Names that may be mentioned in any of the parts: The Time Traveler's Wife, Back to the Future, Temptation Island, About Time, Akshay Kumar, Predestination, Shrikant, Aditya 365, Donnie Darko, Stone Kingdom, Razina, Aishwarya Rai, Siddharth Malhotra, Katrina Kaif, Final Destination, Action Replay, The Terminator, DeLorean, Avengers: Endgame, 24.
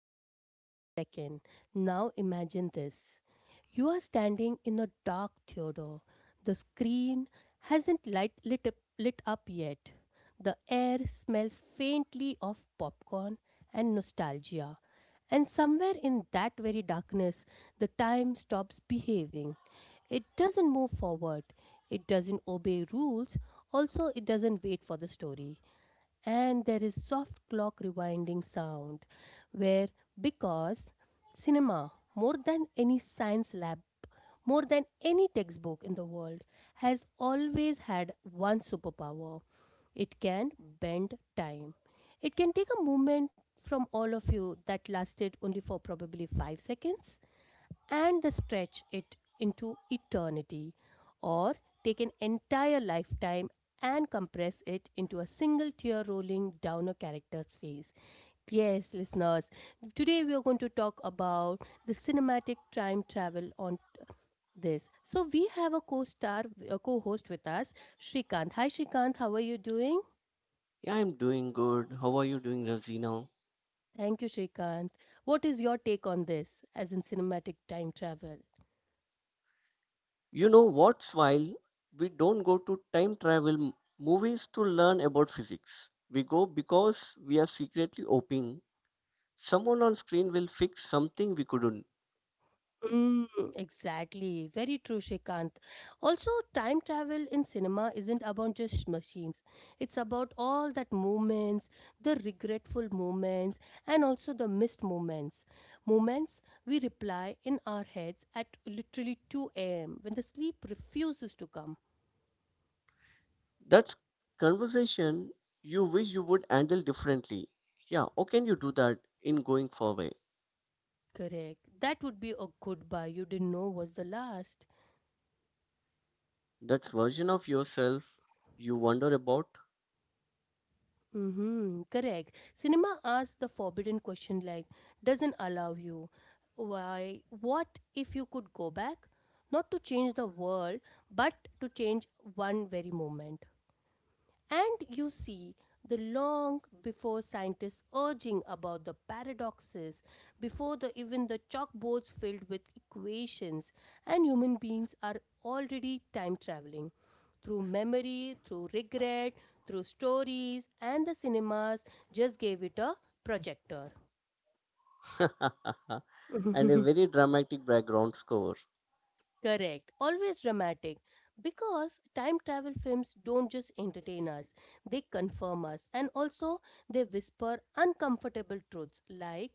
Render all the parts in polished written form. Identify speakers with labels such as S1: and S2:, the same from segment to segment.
S1: eyes for a second. Now imagine this. You are standing in a dark theater. The screen hasn't light, lit up yet. The air smells faintly of popcorn and nostalgia. And somewhere in that very darkness, the time stops behaving. It doesn't move forward. It doesn't obey rules. Also, it doesn't wait for the story, and there is soft clock rewinding sound where because cinema, more than any science lab, more than any textbook in the world, has always had one superpower. It can bend time. It can take a moment from all of you that lasted only for probably 5 seconds and the stretch it into eternity, or take an entire lifetime and compress it into a single tear rolling down a character's face. Yes, listeners, today we are going to talk about the cinematic time travel on this. So we have a co-star, a co-host with us, Shrikant. Hi Shrikant, how are you doing?
S2: Yeah, I'm doing good. How are you doing, Razina?
S1: Thank you Shrikant. What is your take on this as in cinematic time travel?
S2: You know what's while We don't go to time travel movies to learn about physics. We go because we are secretly hoping someone on screen will fix something we couldn't.
S1: Mm, exactly. Very true, Shikant. Also, time travel in cinema isn't about just machines. It's about all that moments, the regretful moments, and also the missed moments. Moments we reply in our heads at literally 2 a.m. when the sleep refuses to come.
S2: That's conversation you wish you would handle differently. Yeah, how can you do that in going forward?
S1: Correct. That would be a goodbye you didn't know was the last.
S2: That's version of yourself you wonder about.
S1: Mm-hmm, correct. Cinema asks the forbidden question, like, doesn't allow you. Why? What if you could go back? Not to change the world, but to change one very moment. And you see, the long before scientists urging about the paradoxes, before the, even the chalkboards filled with equations, and human beings are already time traveling through memory, through regret, through stories, and the cinemas just gave it a projector.
S2: And a very dramatic background score.
S1: Correct, always dramatic. Because time travel films don't just entertain us, they confirm us, and also they whisper uncomfortable truths like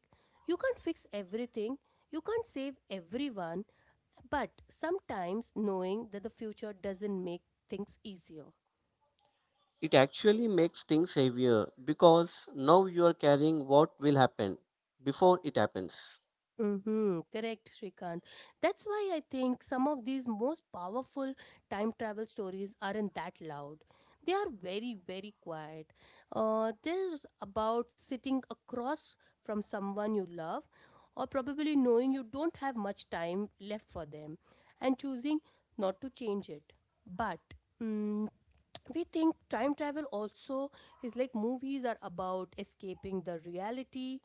S1: you can't fix everything, you can't save everyone, but sometimes knowing that the future doesn't make things easier.
S2: It actually makes things heavier because now you are carrying what will happen before it happens.
S1: Mm-hmm, correct, Shrikant. That's why I think some of these most powerful time travel stories aren't that loud. They are very, very quiet. They're about sitting across from someone you love, or probably knowing you don't have much time left for them, and choosing not to change it. But mm, we think time travel also is like movies are about escaping the reality,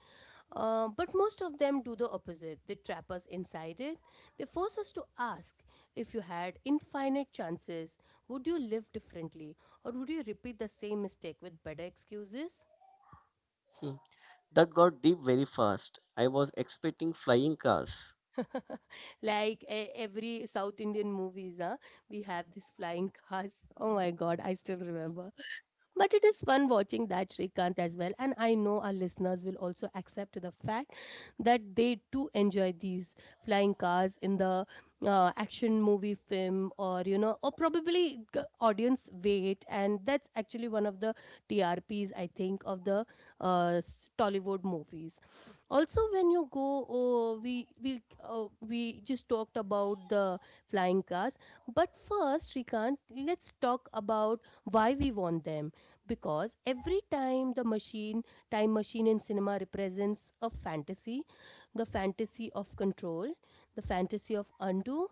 S1: but most of them do the opposite. They trap us inside it. They force us to ask, if you had infinite chances, would you live differently? Or would you repeat the same mistake with better excuses?
S2: Hmm. That got deep very fast. I was expecting flying cars.
S1: Like every South Indian movies, huh? We have these flying cars. Oh my god, I still remember. But it is fun watching that Srikanth as well, and I know our listeners will also accept the fact that they too enjoy these flying cars in the action movie film, or you know, or probably audience wait, and that's actually one of the TRPs I think of the Tollywood movies. Also, when you go, oh, we just talked about the flying cars, but first, Srikanth, let's talk about why we want them, because every time the machine time machine in cinema represents a fantasy, the fantasy of control, the fantasy of undo,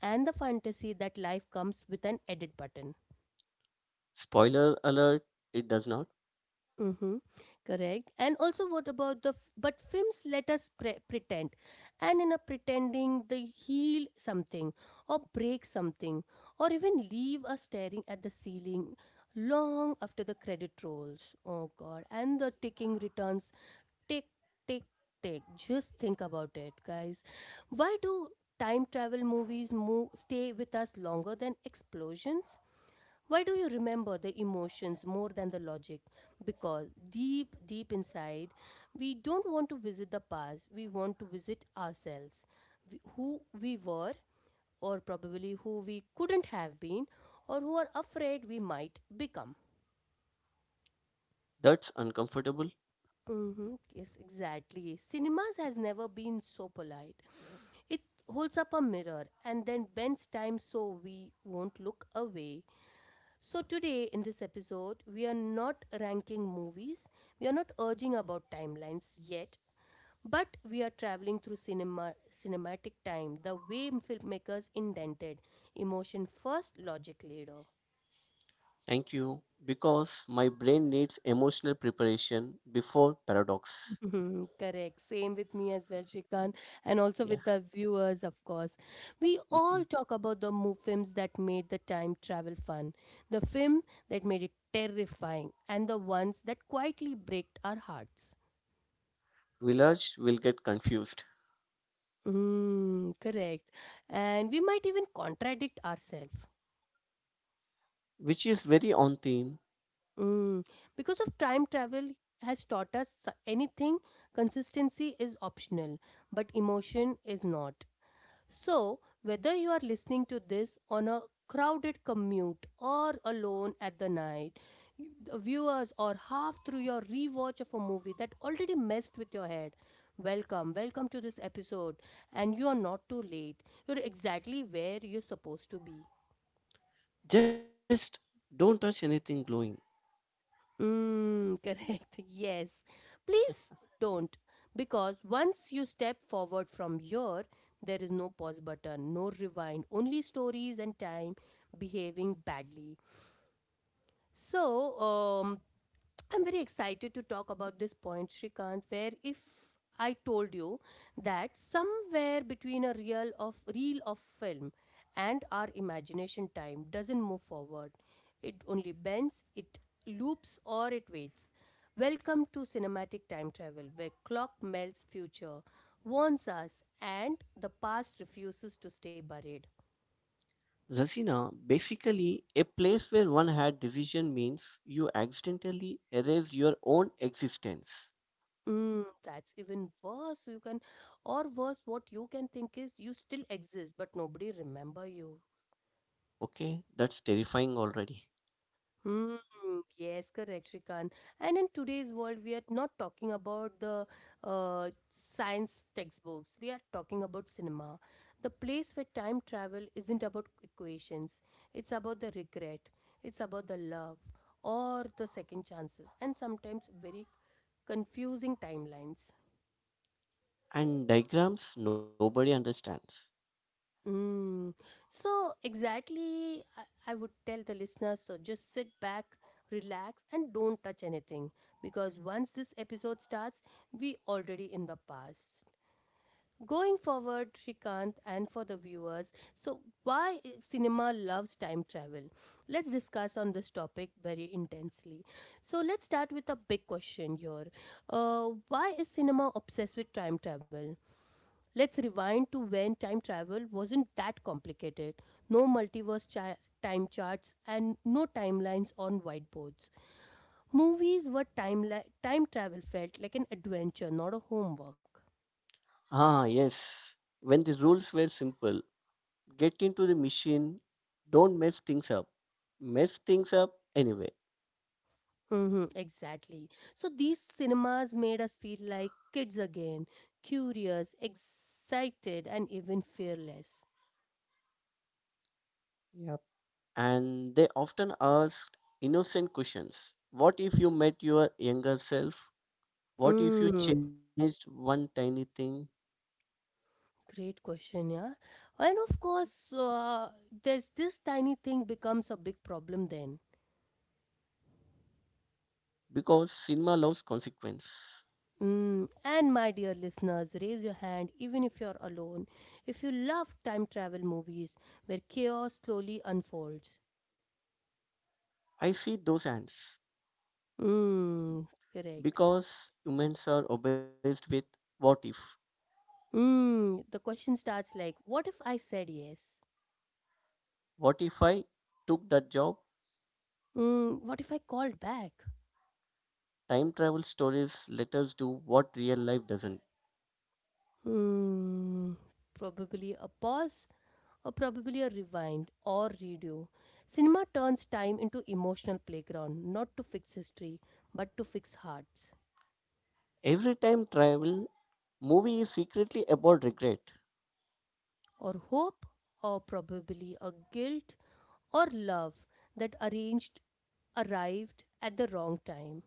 S1: and the fantasy that life comes with an edit button.
S2: Spoiler alert, it does not.
S1: Mm-hmm. Correct. And also what about the but films let us pretend, and in a pretending they heal something or break something or even leave us staring at the ceiling long after the credit rolls. Oh god, and the ticking returns. Tick, tick, tick. Just think about it, guys. Why do time travel movies move, stay with us longer than explosions? Why do you remember the emotions more than the logic? Because deep, deep inside, we don't want to visit the past, we want to visit ourselves, who we were, or probably who we couldn't have been, or who are afraid we might become.
S2: That's uncomfortable.
S1: Mm-hmm. Yes, exactly. Cinemas has never been so polite. It holds up a mirror and then bends time so we won't look away. So, today in this episode, we are not ranking movies, we are not urging about timelines yet, but we are traveling through cinema, cinematic time, the way filmmakers indented emotion first, logic later.
S2: Thank you. Because my brain needs emotional preparation before paradox.
S1: Mhm, correct. Same with me as well, Shrikant, and also
S2: Yeah.
S1: with the viewers, of course. We all
S2: Mhm.
S1: talk about the films that made the time travel fun, the film that made it terrifying, and the ones that quietly break our hearts.
S2: Village will get confused,
S1: Mm, correct. And we might even contradict ourselves.
S2: which is very on theme.
S1: Mm. Because of time travel has taught us anything, consistency is optional, but emotion is not. So, whether you are listening to this on a crowded commute or alone at the night, the viewers, or half through your rewatch of a movie that already messed with your head, welcome, welcome to this episode. And you are not too late. You're exactly where you're supposed to be.
S2: Just don't touch anything glowing.
S1: Mm, correct. Yes. Please don't. Because once you step forward from here, there is no pause button, no rewind, only stories and time behaving badly. So, I'm very excited to talk about this point, Shrikant, where if I told you that somewhere between a reel of film and our imagination time doesn't move forward. It only bends, it loops, or it waits. Welcome to cinematic time travel, where clock melts future, warns us, and the past refuses to stay buried.
S2: Rasina, basically, a place where one had decision means you accidentally erase your own existence.
S1: Mm, that's even worse. You can, or worse, what you can think is you still exist, but nobody remember you.
S2: Okay, that's terrifying already.
S1: Hmm. Yes, correct, Shrikant. And in today's world, we are not talking about the science textbooks. We are talking about cinema, the place where time travel isn't about equations. It's about the regret. It's about the love or the second chances, and sometimes very confusing timelines.
S2: And diagrams, nobody understands.
S1: Mm. So, exactly, I would tell the listeners so just sit back, relax, and don't touch anything, because once this episode starts, we already in the past. Going forward, Shrikant, and for the viewers, so why cinema loves time travel? Let's discuss on this topic very intensely. So let's start with a big question here. Why is cinema obsessed with time travel? Let's rewind to when time travel wasn't that complicated. No multiverse time charts, and no timelines on whiteboards. Movies were time time travel felt like an adventure, not a homework.
S2: Ah, yes. When the rules were simple, get into the machine, don't mess things up. Mess things up anyway.
S1: Hmm, exactly. So these cinemas made us feel like kids again, curious, excited, and even fearless.
S2: And they often asked innocent questions. What if you met your younger self? What if you
S1: Mm,
S2: changed one tiny thing?
S1: great question, yeah. And of course, there's this tiny thing becomes a big problem then.
S2: Because cinema loves consequence.
S1: Mm. And my dear listeners, raise your hand even if you're alone. If you love time travel movies where chaos slowly unfolds.
S2: I see those ants
S1: Mm. Correct.
S2: because humans are obsessed with what if.
S1: Mm. The question starts like, what if I said yes?
S2: What if I took that job?
S1: Mm. What if I called back?
S2: Time travel stories let us do what real life doesn't.
S1: Mm. Probably a pause, or probably a rewind or redo. Cinema turns time into emotional playground, not to fix history, but to fix hearts.
S2: Every time travel movie is secretly about regret
S1: Or hope, or probably a guilt or love that arranged arrived at the wrong time.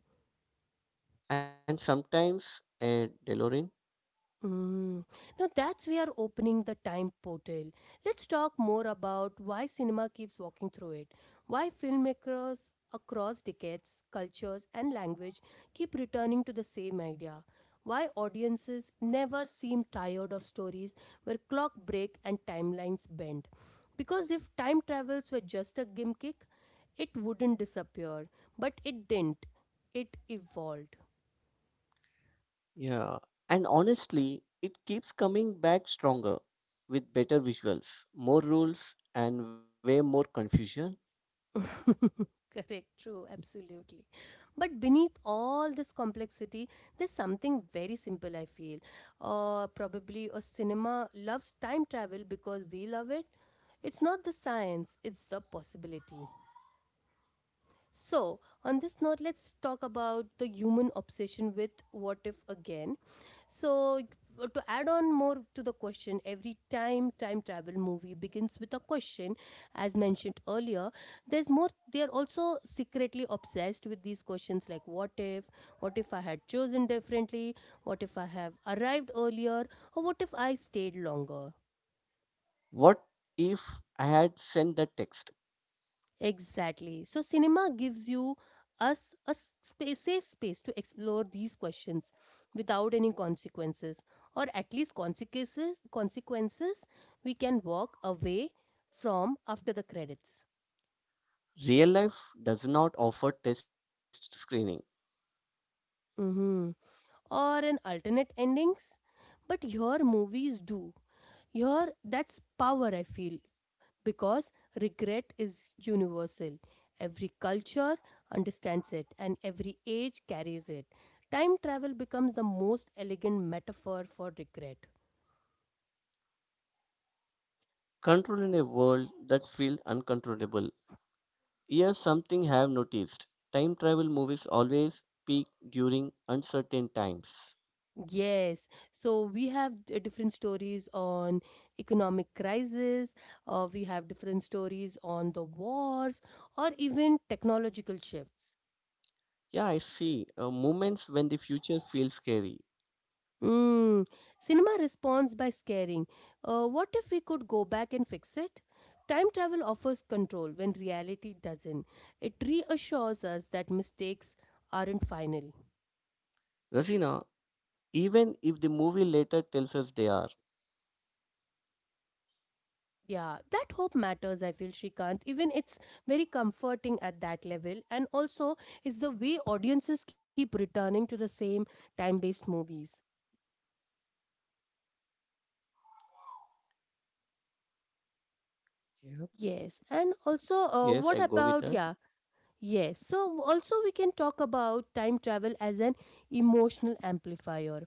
S2: and sometimes a DeLorean.
S1: Mm. Now that's we are opening the time portal. Let's talk more about why cinema keeps walking through it. Why filmmakers across decades, cultures, and language keep returning to the same idea. Why audiences never seem tired of stories where clock break and timelines bend. Because if time travels were just a gimmick, it wouldn't disappear. But it didn't. It evolved.
S2: Yeah, and honestly, it keeps coming back stronger with better visuals, more rules, and way more confusion.
S1: Correct, true, absolutely. But beneath all this complexity, there's something very simple, I feel. Or probably a cinema loves time travel because we love it. It's not the science, it's the possibility. So, on this note, let's talk about the human obsession with what if again. So, to add on more to the question, every time travel movie begins with a question, as mentioned earlier, there's more, they are also secretly obsessed with these questions like what if I had chosen differently, what if I have arrived earlier, or what if I stayed longer.
S2: What if I had sent that text?
S1: Exactly. So, cinema gives you us a safe space to explore these questions without any consequences, or at least consequences we can walk away from after the credits.
S2: Real life does not offer test screening.
S1: Hmm. Or an alternate endings, but your movies do. Your that's power. I feel because regret is universal. Every culture understands it, and every age carries it. Time travel becomes the most elegant metaphor for regret.
S2: Control in a world that feels uncontrollable. Here's something I have noticed. Time travel movies always peak during uncertain times.
S1: Yes, so we have different stories on economic crisis, we have different stories on the wars, or even technological shifts.
S2: Yeah, I see. Moments when the future feels scary.
S1: Mm, cinema responds by scaring. What if we could go back and fix it? Time travel offers control when reality doesn't. It reassures us that mistakes aren't final.
S2: Rasina, even if the movie later tells us they are.
S1: Yeah, that hope matters, I feel, Shrikant. Even it's very comforting at that level. And also, it's the way audiences keep returning to the same time based movies.
S2: Yep.
S1: Yes. And also,
S2: Yes, I go with
S1: what
S2: that.
S1: about, yeah. Yes, so also we can talk about time travel as an emotional amplifier.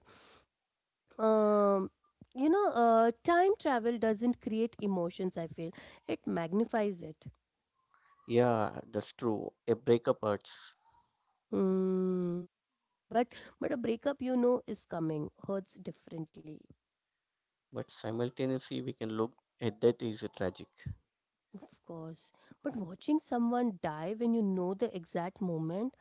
S1: Um, Time travel doesn't create emotions, I feel, it magnifies it.
S2: Yeah, that's true. A breakup hurts.
S1: Mm, but but a breakup is coming hurts differently,
S2: But simultaneously, we can look at that is a tragic.
S1: of course. But watching someone die when you know the exact moment.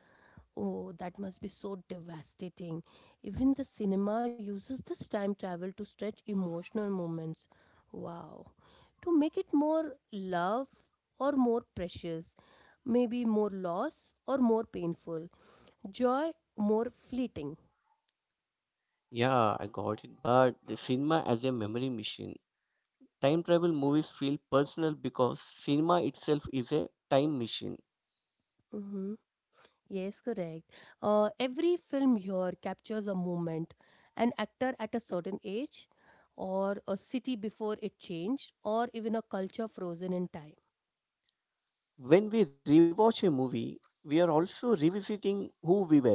S1: Oh, that must be so devastating. Even the cinema uses this time travel to stretch emotional moments. Wow. To make it more love or more precious, maybe more loss or more painful, joy more fleeting.
S2: Yeah, I got it. But the cinema as a memory machine. Time travel movies feel personal because cinema itself is a time machine.
S1: Hmm. Yes, correct. Every film here captures a moment, an actor at a certain age, or a city before it changed, or even a culture frozen in time.
S2: When we rewatch a movie, we are also revisiting who we were.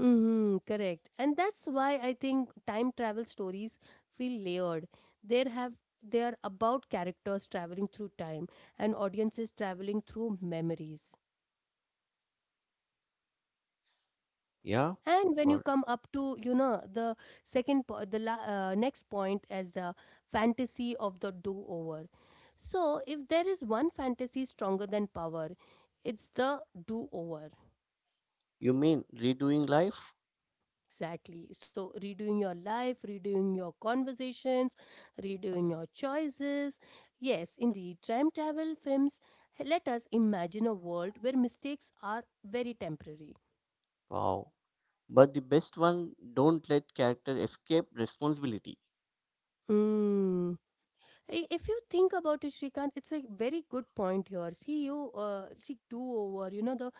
S1: Mm-hmm, correct. And that's why I think time travel stories feel layered. They have they are about characters traveling through time and audiences traveling through memories.
S2: Yeah,
S1: And when you
S2: God.
S1: come up to the second po- the la- next point as the fantasy of the do over. So if there is one fantasy stronger than power, it's the do over.
S2: You mean redoing life?
S1: Exactly. So, redoing your life, redoing your conversations, redoing your choices. Yes, indeed, time travel films let us imagine a world where mistakes are very temporary.
S2: Wow. But the best one don't let character escape responsibility.
S1: Mm. If you think about it, Shrikant, it's a very good point here. See, you see do over.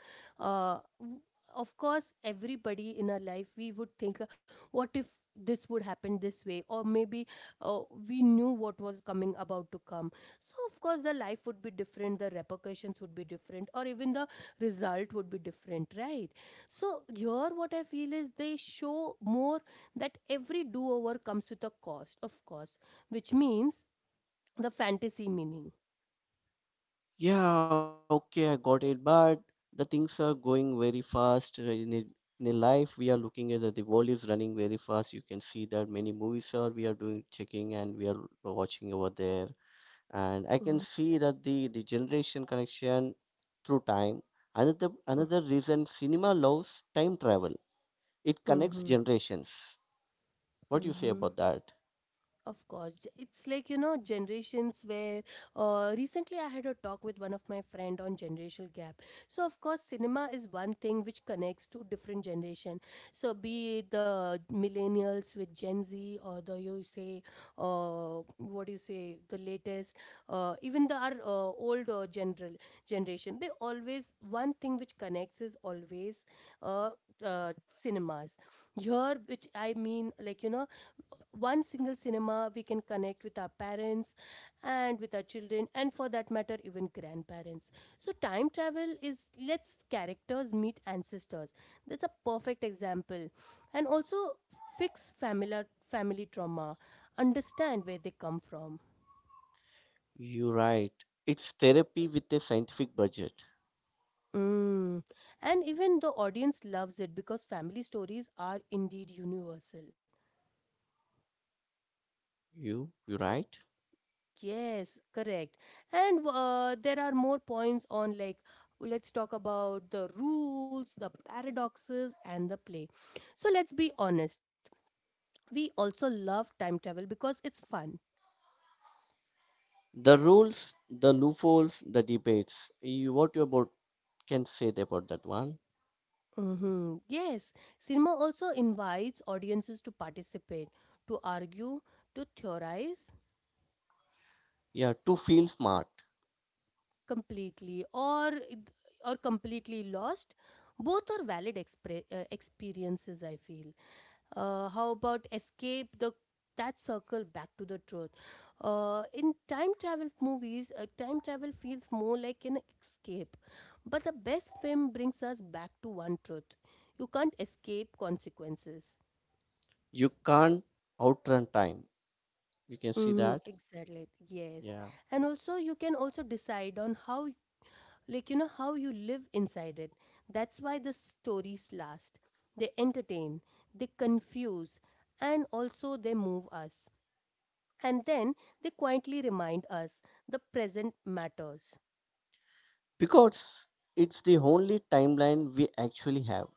S1: uh, w- of course, everybody in our life we would think, what if this would happen this way, or maybe uh, we knew what was coming about to come. So of course, the life would be different, the repercussions would be different, or even the result would be different, right? So here, what I feel is they show more that every do over comes with a cost, of course, which means the fantasy meaning.
S2: Yeah, okay, I got it. But the things are going very fast. In a life, we are looking at that the world is running very fast. You can see that many movies are we are doing checking and we are watching over there. And I can
S1: Mhm,
S2: see that the generation connection through time. Another reason cinema loves time travel. It
S1: mhm,
S2: connects
S1: mhm,
S2: generations. What do you say
S1: mhm.
S2: about that?
S1: Of course, it's like generations where recently I had a talk with one of my friend on generational gap. So of course, cinema is one thing which connects to different generation. So be it the millennials with Gen Z or the you say what do you say the latest even the our old general generation they always one thing which connects is always uh, cinemas here which I mean one single cinema we can connect with our parents and with our children and for that matter even grandparents. So time travel is lets characters meet ancestors, that's a perfect example, and also fix family trauma, understand where they come from.
S2: You're right. It's therapy with a scientific budget.
S1: Mm. And even the audience loves it because family stories are indeed universal.
S2: You you right?
S1: Yes, correct. And there are more points on like let's talk about the rules, the paradoxes and the play. So let's be honest. We also love time travel because it's fun.
S2: The rules, the loopholes, the debates. What you about can say about that one?
S1: Hmm. Yes, cinema also invites audiences to participate, to argue, to theorize
S2: Yeah, to feel smart,
S1: completely or completely lost. Both are valid experiences, I feel. How about escape the that circle back to the truth, in time travel movies time travel feels more like an escape, but the best film brings us back to one truth: you can't escape consequences.
S2: you can't outrun time. You can see
S1: Hmm,
S2: that.
S1: exactly, yes.
S2: Yeah,
S1: And also you can also decide on how how you live inside it. That's why the stories last, they entertain, they confuse, and also they move us. And then they quietly remind us the present matters.
S2: because it's the only timeline we actually have.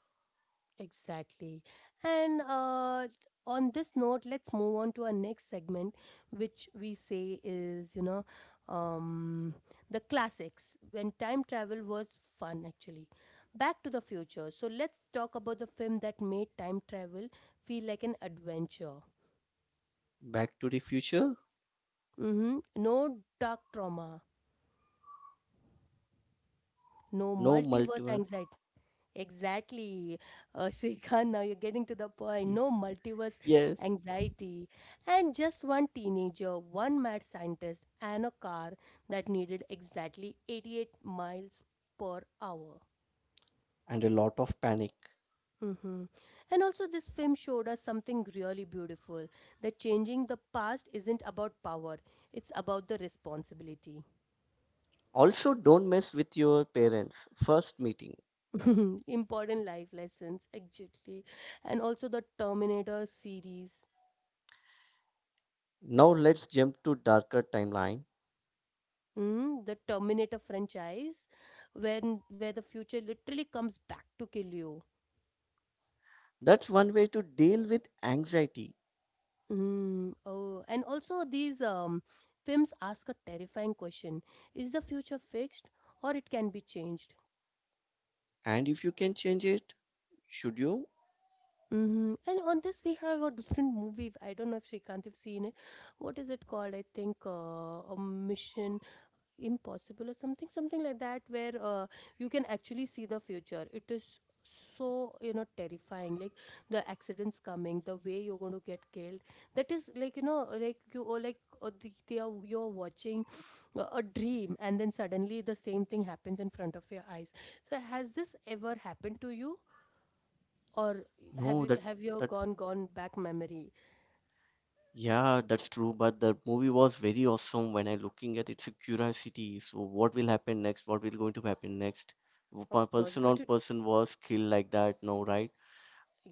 S1: Exactly. And on this note, let's move on to our next segment, which we say is, um, the classics when time travel was fun, actually. Back to the Future. So let's talk about the film that made time travel feel like an adventure.
S2: Back to the Future,
S1: Hmm. No dark trauma, no
S2: no
S1: multiverse
S2: multiple.
S1: anxiety. Exactly, Shrikant. Now you're getting to the point.
S2: Ye-
S1: No multiverse
S2: Yes,
S1: anxiety, and just one teenager, one mad scientist, and a car that needed exactly 88 miles per hour.
S2: and a lot of panic.
S1: Hmm. And also, this film showed us something really beautiful, that changing the past isn't about power, it's about the responsibility.
S2: Also, don't mess with your parents' first meeting.
S1: Important life lessons, actually. And also, the Terminator series.
S2: Now let's jump to darker timeline.
S1: Mm, the Terminator franchise, when where the future literally comes back to kill you.
S2: That's one way to deal with anxiety.
S1: Mm, oh, and also these films ask a terrifying question: is the future fixed, or it can be changed?
S2: And if you can change it, should you?
S1: Hmm. And on this we have a different movie. I don't know if Srikanth have seen it. What is it called? I think a Mission Impossible or something like that, where you can actually see the future. It is so terrifying, like the accidents coming, the way you're going to get killed. That is like you, or like you're watching a dream and then suddenly the same thing happens in front of your eyes. So has this ever happened to you, or
S2: No, that.
S1: have you have
S2: that
S1: you gone back memory?
S2: yeah, that's true, but the movie was very awesome when I looking at it's a curiosity. So what will happen next? What will going to happen next?
S1: Of course,
S2: Person on
S1: but it,
S2: person was killed like that, no, right?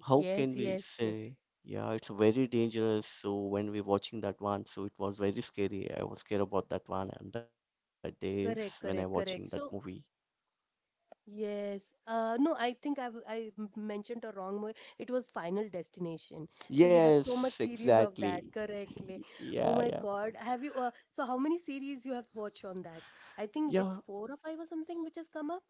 S2: How
S1: yes
S2: can we
S1: yes
S2: say?
S1: yes,
S2: Yeah, it's very dangerous. So when we watching that one, so it was very scary. I was scared about that one and that days when I
S1: correct
S2: watching that
S1: correct correct,
S2: movie.
S1: so yes. No, I think I've, I have mentioned a wrong movie. It was Final Destination. So you have
S2: Yes,
S1: so much series of
S2: exactly.
S1: that, correctly. Oh
S2: Yeah,
S1: my
S2: yeah,
S1: God. Have you, so how many series you have watched on that? I think it's
S2: yeah.
S1: four or five or something which has come up.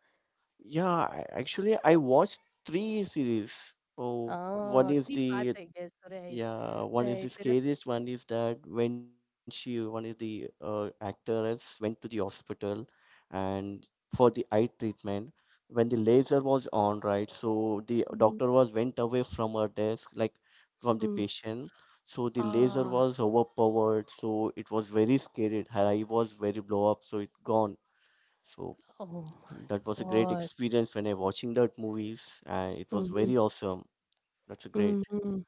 S2: Yeah, actually, I watched three series. Oh, one
S1: Ah,
S2: is
S1: three parts,
S2: the.
S1: I guess. Right,
S2: Yeah, one is
S1: right.
S2: the
S1: There are,
S2: scariest. One is that when she, one is the actress went to the hospital, and for the eye treatment, when the laser was on, right? So the
S1: mm,
S2: doctor was went away from her desk, like from the
S1: mm.
S2: patient. So the laser
S1: Ah,
S2: was overpowered. So it was very scary. Her eye was very blow up. So it gone. So
S1: oh
S2: that was a great
S1: my God.
S2: experience when I watching that movies and it was
S1: Mm-hmm,
S2: very awesome. That's a great.
S1: mm-hmm.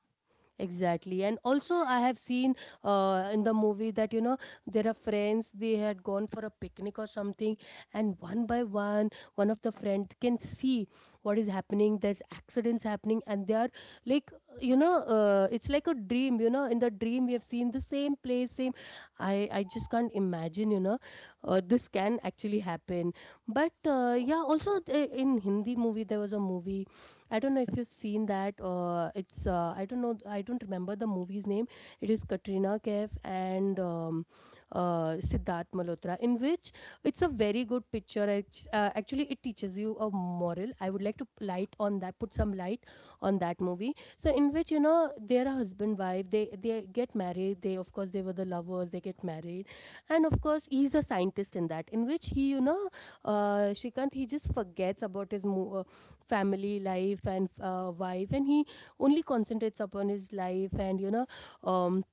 S1: Exactly. And also, I have seen in the movie that, you know, there are friends, they had gone for a picnic or something, and one by one, one of the friend can see what is happening. There's accidents happening, and they are like, you know, it's like a dream. You know, in the dream, we have seen the same place, same. I just can't imagine, you know, this can actually happen. But yeah, also in Hindi movie, there was a movie I don't know if you've seen that. It's I don't know. I don't remember the movie's name. It is Katrina Kaif and Siddharth Malhotra, in which it's a very good picture. Actually, it teaches you a moral. I would like to light on that, put some light on that movie. So, in which they are a husband wife. They get married. They of course they were the lovers. They get married, and of course he's a scientist in that. In which he Shrikant, he just forgets about his family life and wife, and he only concentrates upon his life and um,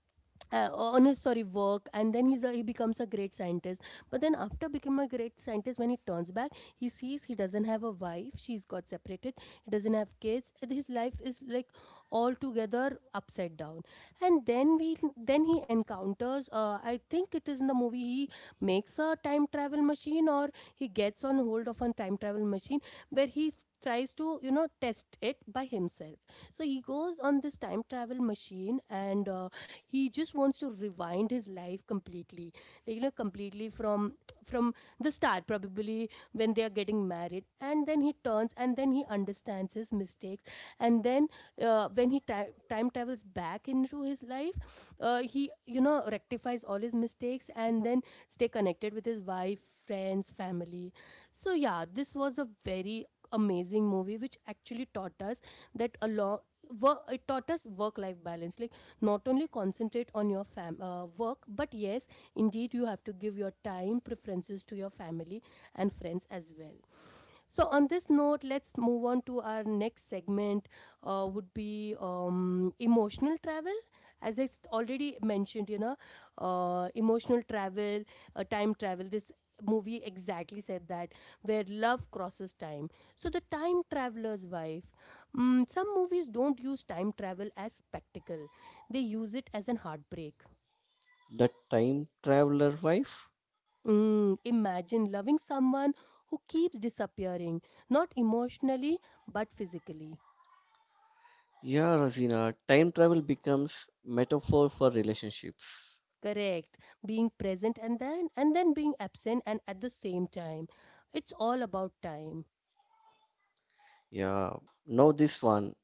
S1: on his sorry work, and then he becomes a great scientist. But then after becoming a great scientist, when he turns back, he sees he doesn't have a wife, she's got separated, he doesn't have kids, and his life is like altogether upside down. And then we then he encounters I think it is in the movie, he makes a time travel machine or he gets on hold of a time travel machine where he tries to test it by himself. So he goes on this time travel machine and he just wants to rewind his life completely, completely from from the start, probably when they are getting married, and then he turns and then he understands his mistakes. And then when he time travels back into his life, he rectifies all his mistakes and then stay connected with his wife, friends, family. So yeah, this was a very amazing movie which actually taught us that a along work, it taught us work life balance, like not only concentrate on your fam work, but yes, indeed you have to give your time preferences to your family and friends as well. So on this note, let's move on to our next segment. Would be emotional travel. As I already mentioned, you know, emotional travel, time travel. This movie exactly said that where love crosses time. So the Time Traveler's Wife. Mm, some movies don't use time travel as spectacle. They use it as an heartbreak.
S2: The time traveler wife?
S1: Mm, imagine loving someone who keeps disappearing, not emotionally but physically.
S2: Yeah, Razina, time travel becomes metaphor for relationships.
S1: Correct, being present and then being absent, and at the same time it's all about time.
S2: Yeah, now this one.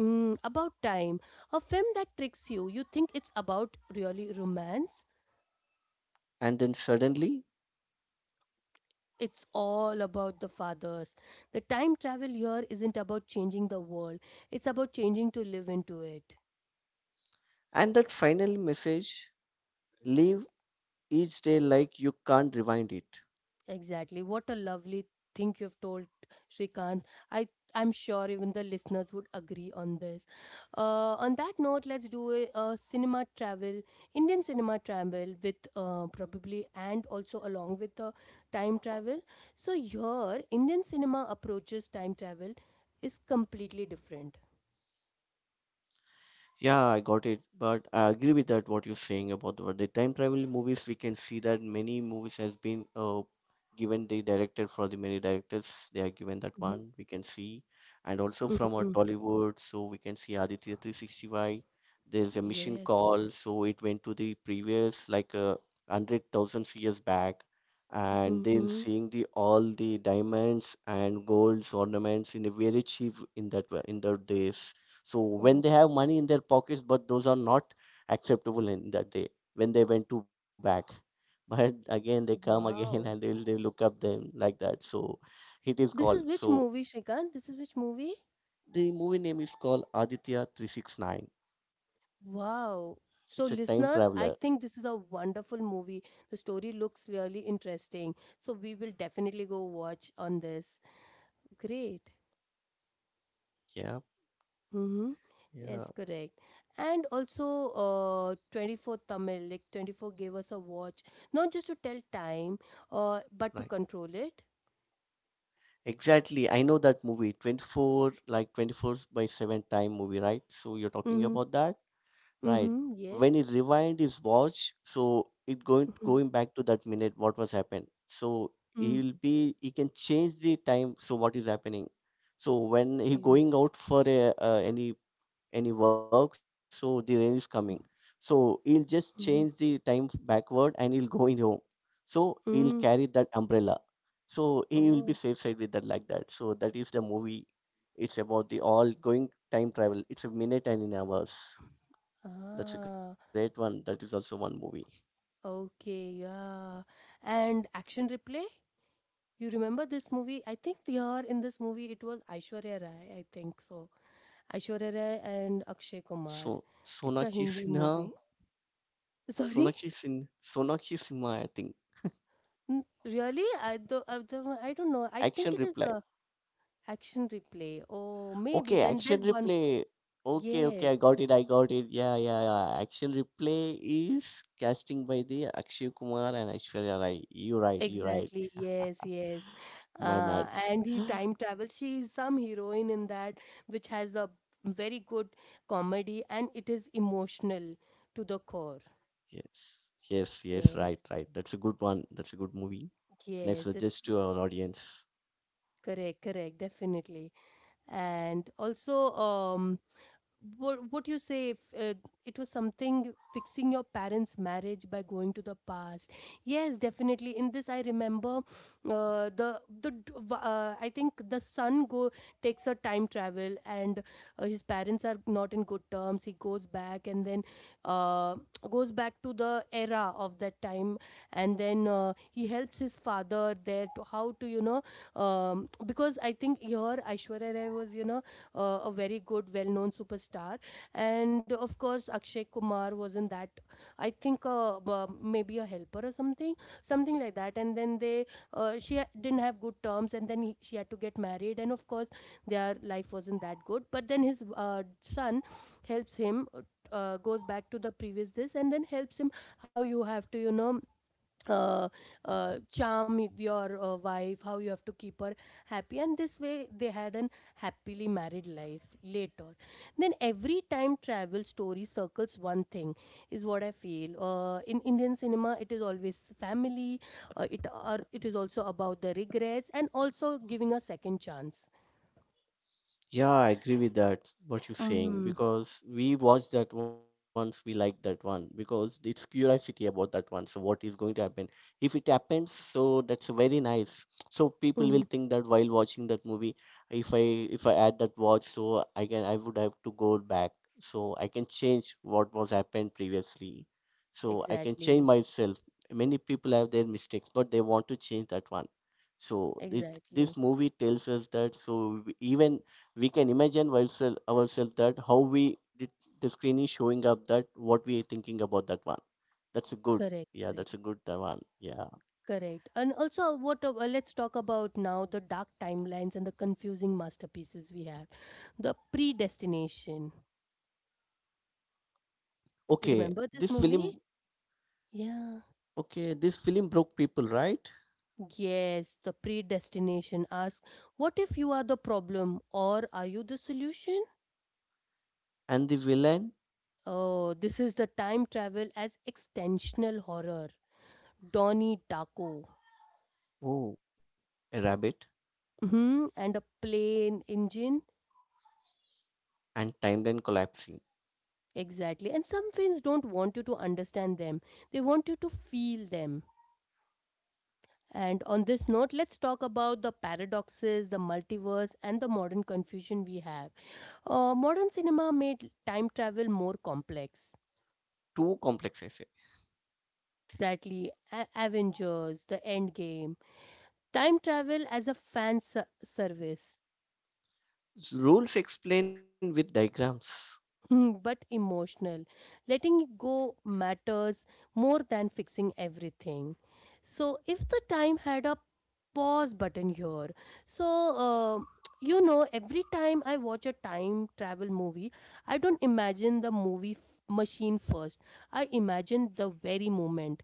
S1: Mm, About Time, a film that tricks you, you think it's about really romance,
S2: And then suddenly.
S1: it's all about the fathers. The time travel here isn't about changing the world, it's about changing to live into it.
S2: And that final message: live each day like you can't rewind it.
S1: Exactly. What a lovely thing you've told, Shrikant. I I'm sure even the listeners would agree on this. On that note, let's do a cinema travel, Indian cinema travel with probably and also along with the time travel. So here, Indian cinema approaches time travel is completely different.
S2: Yeah, I got it, but I agree with that what you're saying about the time travel movies. We can see that many movies has been given the director for the many directors they are given that
S1: Mhm.
S2: one we can see, and also from our
S1: Hmm.
S2: Tollywood, so we can see Aditya 365. There's a mission
S1: Yes.
S2: call, so it went to the previous like 100,000 years back, and they're
S1: Hmm.
S2: seeing the all the diamonds and golds ornaments in a very cheap in that in those days, so
S1: Oh,
S2: when they have money in their pockets, but those are not acceptable in that day when they went to back. But again, they come again and
S1: wow.
S2: they look up them like that. So it is called.
S1: This is which
S2: So
S1: movie, Shrikant? This is which movie?
S2: the movie name is called Aditya 369.
S1: Wow. So,
S2: It's a time
S1: listeners, I
S2: traveler.
S1: think this is a wonderful movie. The story looks really interesting. So, we will definitely go watch on this. Great.
S2: Yeah,
S1: Mm-hmm.
S2: yeah,
S1: Yes, correct. And also, 24 Tamil, like 24 gave us a watch, not just to tell time, but
S2: right.
S1: to control it.
S2: Exactly. I know that movie. 24 like 24/7 time movie, right? So you're talking
S1: Mm-hmm.
S2: about that. Right.
S1: Mm-hmm.
S2: When
S1: Yes.
S2: he rewind his watch, so it going
S1: Mm-hmm.
S2: going back to that minute what was happened. So he can change the time. So what is happening? So when he
S1: Mm-hmm.
S2: going out for any work, so the rain is coming. So he'll just change the
S1: Mm-hmm.
S2: time backward and he'll go in home. So he'll
S1: Mm.
S2: carry that umbrella. So he will be
S1: Oh.
S2: safe side with that like that. So that is the movie. It's about the all going time travel. It's a minute and in hours. That's a great
S1: Ah.
S2: one. That is also one movie.
S1: Okay. Yeah. And action replay? You remember this movie? I think here in this movie it was Aishwarya Rai, I think so. Aishwarya Rai and Akshay Kumar.
S2: So
S1: It's a
S2: Sonakshi
S1: Hindi
S2: Sinha,
S1: movie. Sorry?
S2: Sonakshi Sinha, I think.
S1: Really? I don't know. I think
S2: Action
S1: it is
S2: Reply.
S1: a action replay. Oh, maybe.
S2: Okay,
S1: Then
S2: Action
S1: there's one.
S2: Replay. Okay, okay,
S1: Yes.
S2: I got it. I got it. Yeah, yeah, yeah. Action Replay is casting by the Akshay Kumar and Aishwarya Rai. You're right. You're right.
S1: Exactly. Yes, yes.
S2: My bad.
S1: And he time travels. She is some heroine in that, which has a very good comedy and it is emotional to the core.
S2: Yes, yes, yes. Right,
S1: Yes.
S2: right. That's a good one. That's a good movie. Nice
S1: Yes, that is
S2: suggest to our audience?
S1: correct, correct, definitely. And also, what you say if it was something fixing your parents marriage by going to the past, yes, definitely. In this I remember, I think the son go takes a time travel and his parents are not in good terms. He goes back and then uh, goes back to the era of that time, and then he helps his father there to how to, you know, because I think here Aishwarya Rai was, you know, a very good, well-known superstar. And of course, Akshay Kumar was in that. I think maybe a helper or something, something like that. And then they, didn't have good terms, and then he, she had to get married. And of course, their life wasn't that good. But then his son helps him. Goes back to the previous this and then helps him how you have to, you know, uh, charm with your wife, how you have to keep her happy. And this way, they had an happily married life later. Then, every time travel story circles one thing, is what I feel. In Indian cinema, it is always family, it is also about the regrets and also giving a second chance.
S2: Yeah, I agree with that, what you're saying,
S1: Mm-hmm.
S2: because we watched that once, we like that one, because it's curiosity about that one. So, what is going to happen? If it happens, so that's very nice. So, people will think that while watching that movie, if I if I add that watch, so I would have to go back, so I can change what was happened previously. So, I can change
S1: Exactly,
S2: myself. Many people have their mistakes, but they want to change that one. So,
S1: exactly.
S2: this movie tells us that so even we can imagine ourselves that how we the, the screen is showing up that what we are thinking about that one. That's a good.
S1: Correct,
S2: Yeah,
S1: correct.
S2: that's a good that one. Yeah.
S1: Correct. And also, what let's talk about now the dark timelines and the confusing masterpieces we have. The Predestination.
S2: okay
S1: Remember this
S2: this
S1: movie?
S2: film
S1: Yeah.
S2: okay, this film broke people, right?
S1: Yes, the predestination asks, what if you are the problem or are you the solution?
S2: And the villain.
S1: Oh, this is the time travel as extensional horror. Donnie Darko.
S2: Oh, a rabbit.
S1: Hmm. And a plane engine.
S2: And timeline collapsing.
S1: Exactly. And some films don't want you to understand them. They want you to feel them. And on this note, let's talk about the paradoxes, the multiverse, and the modern confusion we have. Modern cinema made time travel more complex.
S2: Too complex, I say.
S1: Exactly, Avengers, the Endgame, time travel as a service.
S2: Rules explained with diagrams.
S1: Hmm, but emotional. Letting go matters more than fixing everything. So, if the time had a pause button here, so uh, you know, every time I watch a time travel movie, I don't imagine the machine first. I imagine the very moment,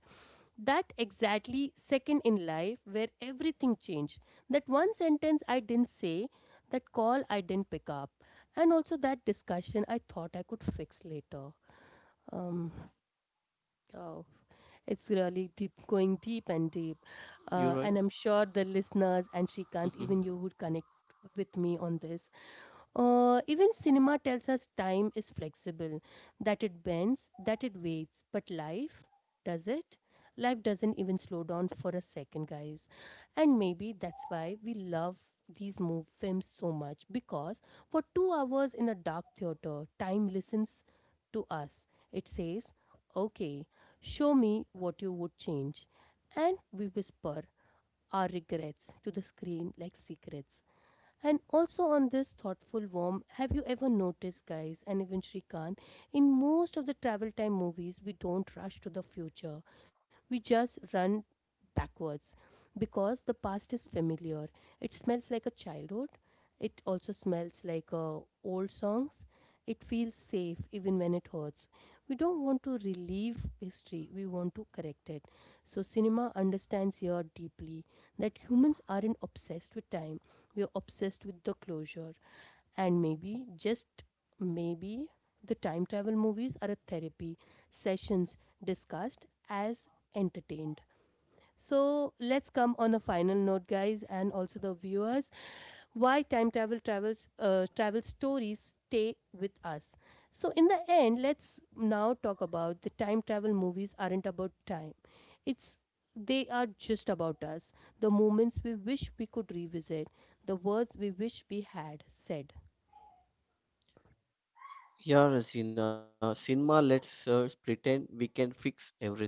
S1: that exactly second in life where everything changed. That one sentence I didn't say, that call I didn't pick up, and also that discussion I thought I could fix later. Um, oh, it's really deep, going deep
S2: You're
S1: and
S2: right.
S1: deep. And I'm sure the listeners and Shrikant, even you would connect with me on this. Even cinema tells us time is flexible, that it bends, that it waits. But life, does it? Life doesn't even slow down for a second, guys. And maybe that's why we love these move films so much because for 2 hours in a dark theater, time listens to us. It says, okay, show me what you would change. And we whisper our regrets to the screen like secrets. And also on this thoughtful warm, have you ever noticed, guys, and even Shrikant, in most of the travel time movies, we don't rush to the future. We just run backwards because the past is familiar. It smells like a childhood. It also smells like old songs. It feels safe even when it hurts. We don't want to relieve history, we want to correct it. So, cinema understands here deeply that humans aren't obsessed with time, we are obsessed with the closure. And maybe, just maybe, the time travel movies are a therapy, sessions discussed as entertained. So let's come on a final note, guys, and also the viewers. Why time travel travel stories stay with us. So in the end, let's now talk about the time travel movies aren't about time. It's They are just about us. The moments we wish we could revisit, the words we wish we had said.
S2: Yeah, Rasina, cinema lets us pretend we can fix everything.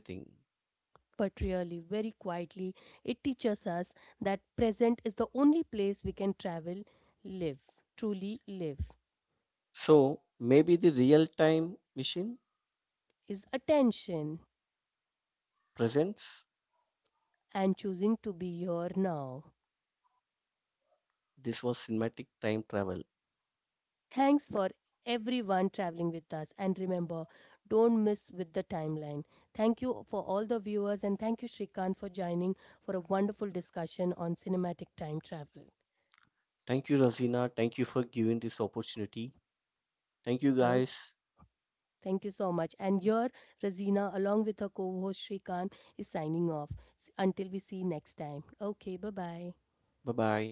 S1: But really, very quietly, it teaches us that present is the only place we can travel, live, truly live.
S2: So maybe the real time machine
S1: Is attention
S2: presence.
S1: and choosing to be here now.
S2: This was cinematic time travel.
S1: Thanks for everyone traveling with us. And remember, don't miss with the timeline. Thank you for all the viewers and thank you, Shrikant, for joining for a wonderful discussion on cinematic time travel.
S2: Thank you, Razina. Thank you for giving this opportunity. Thank you,
S1: Okay.
S2: guys.
S1: Thank you so much. And your Razina, along with her co host Shrikant, is signing off. Until we see next time. Okay, bye bye.
S2: Bye bye.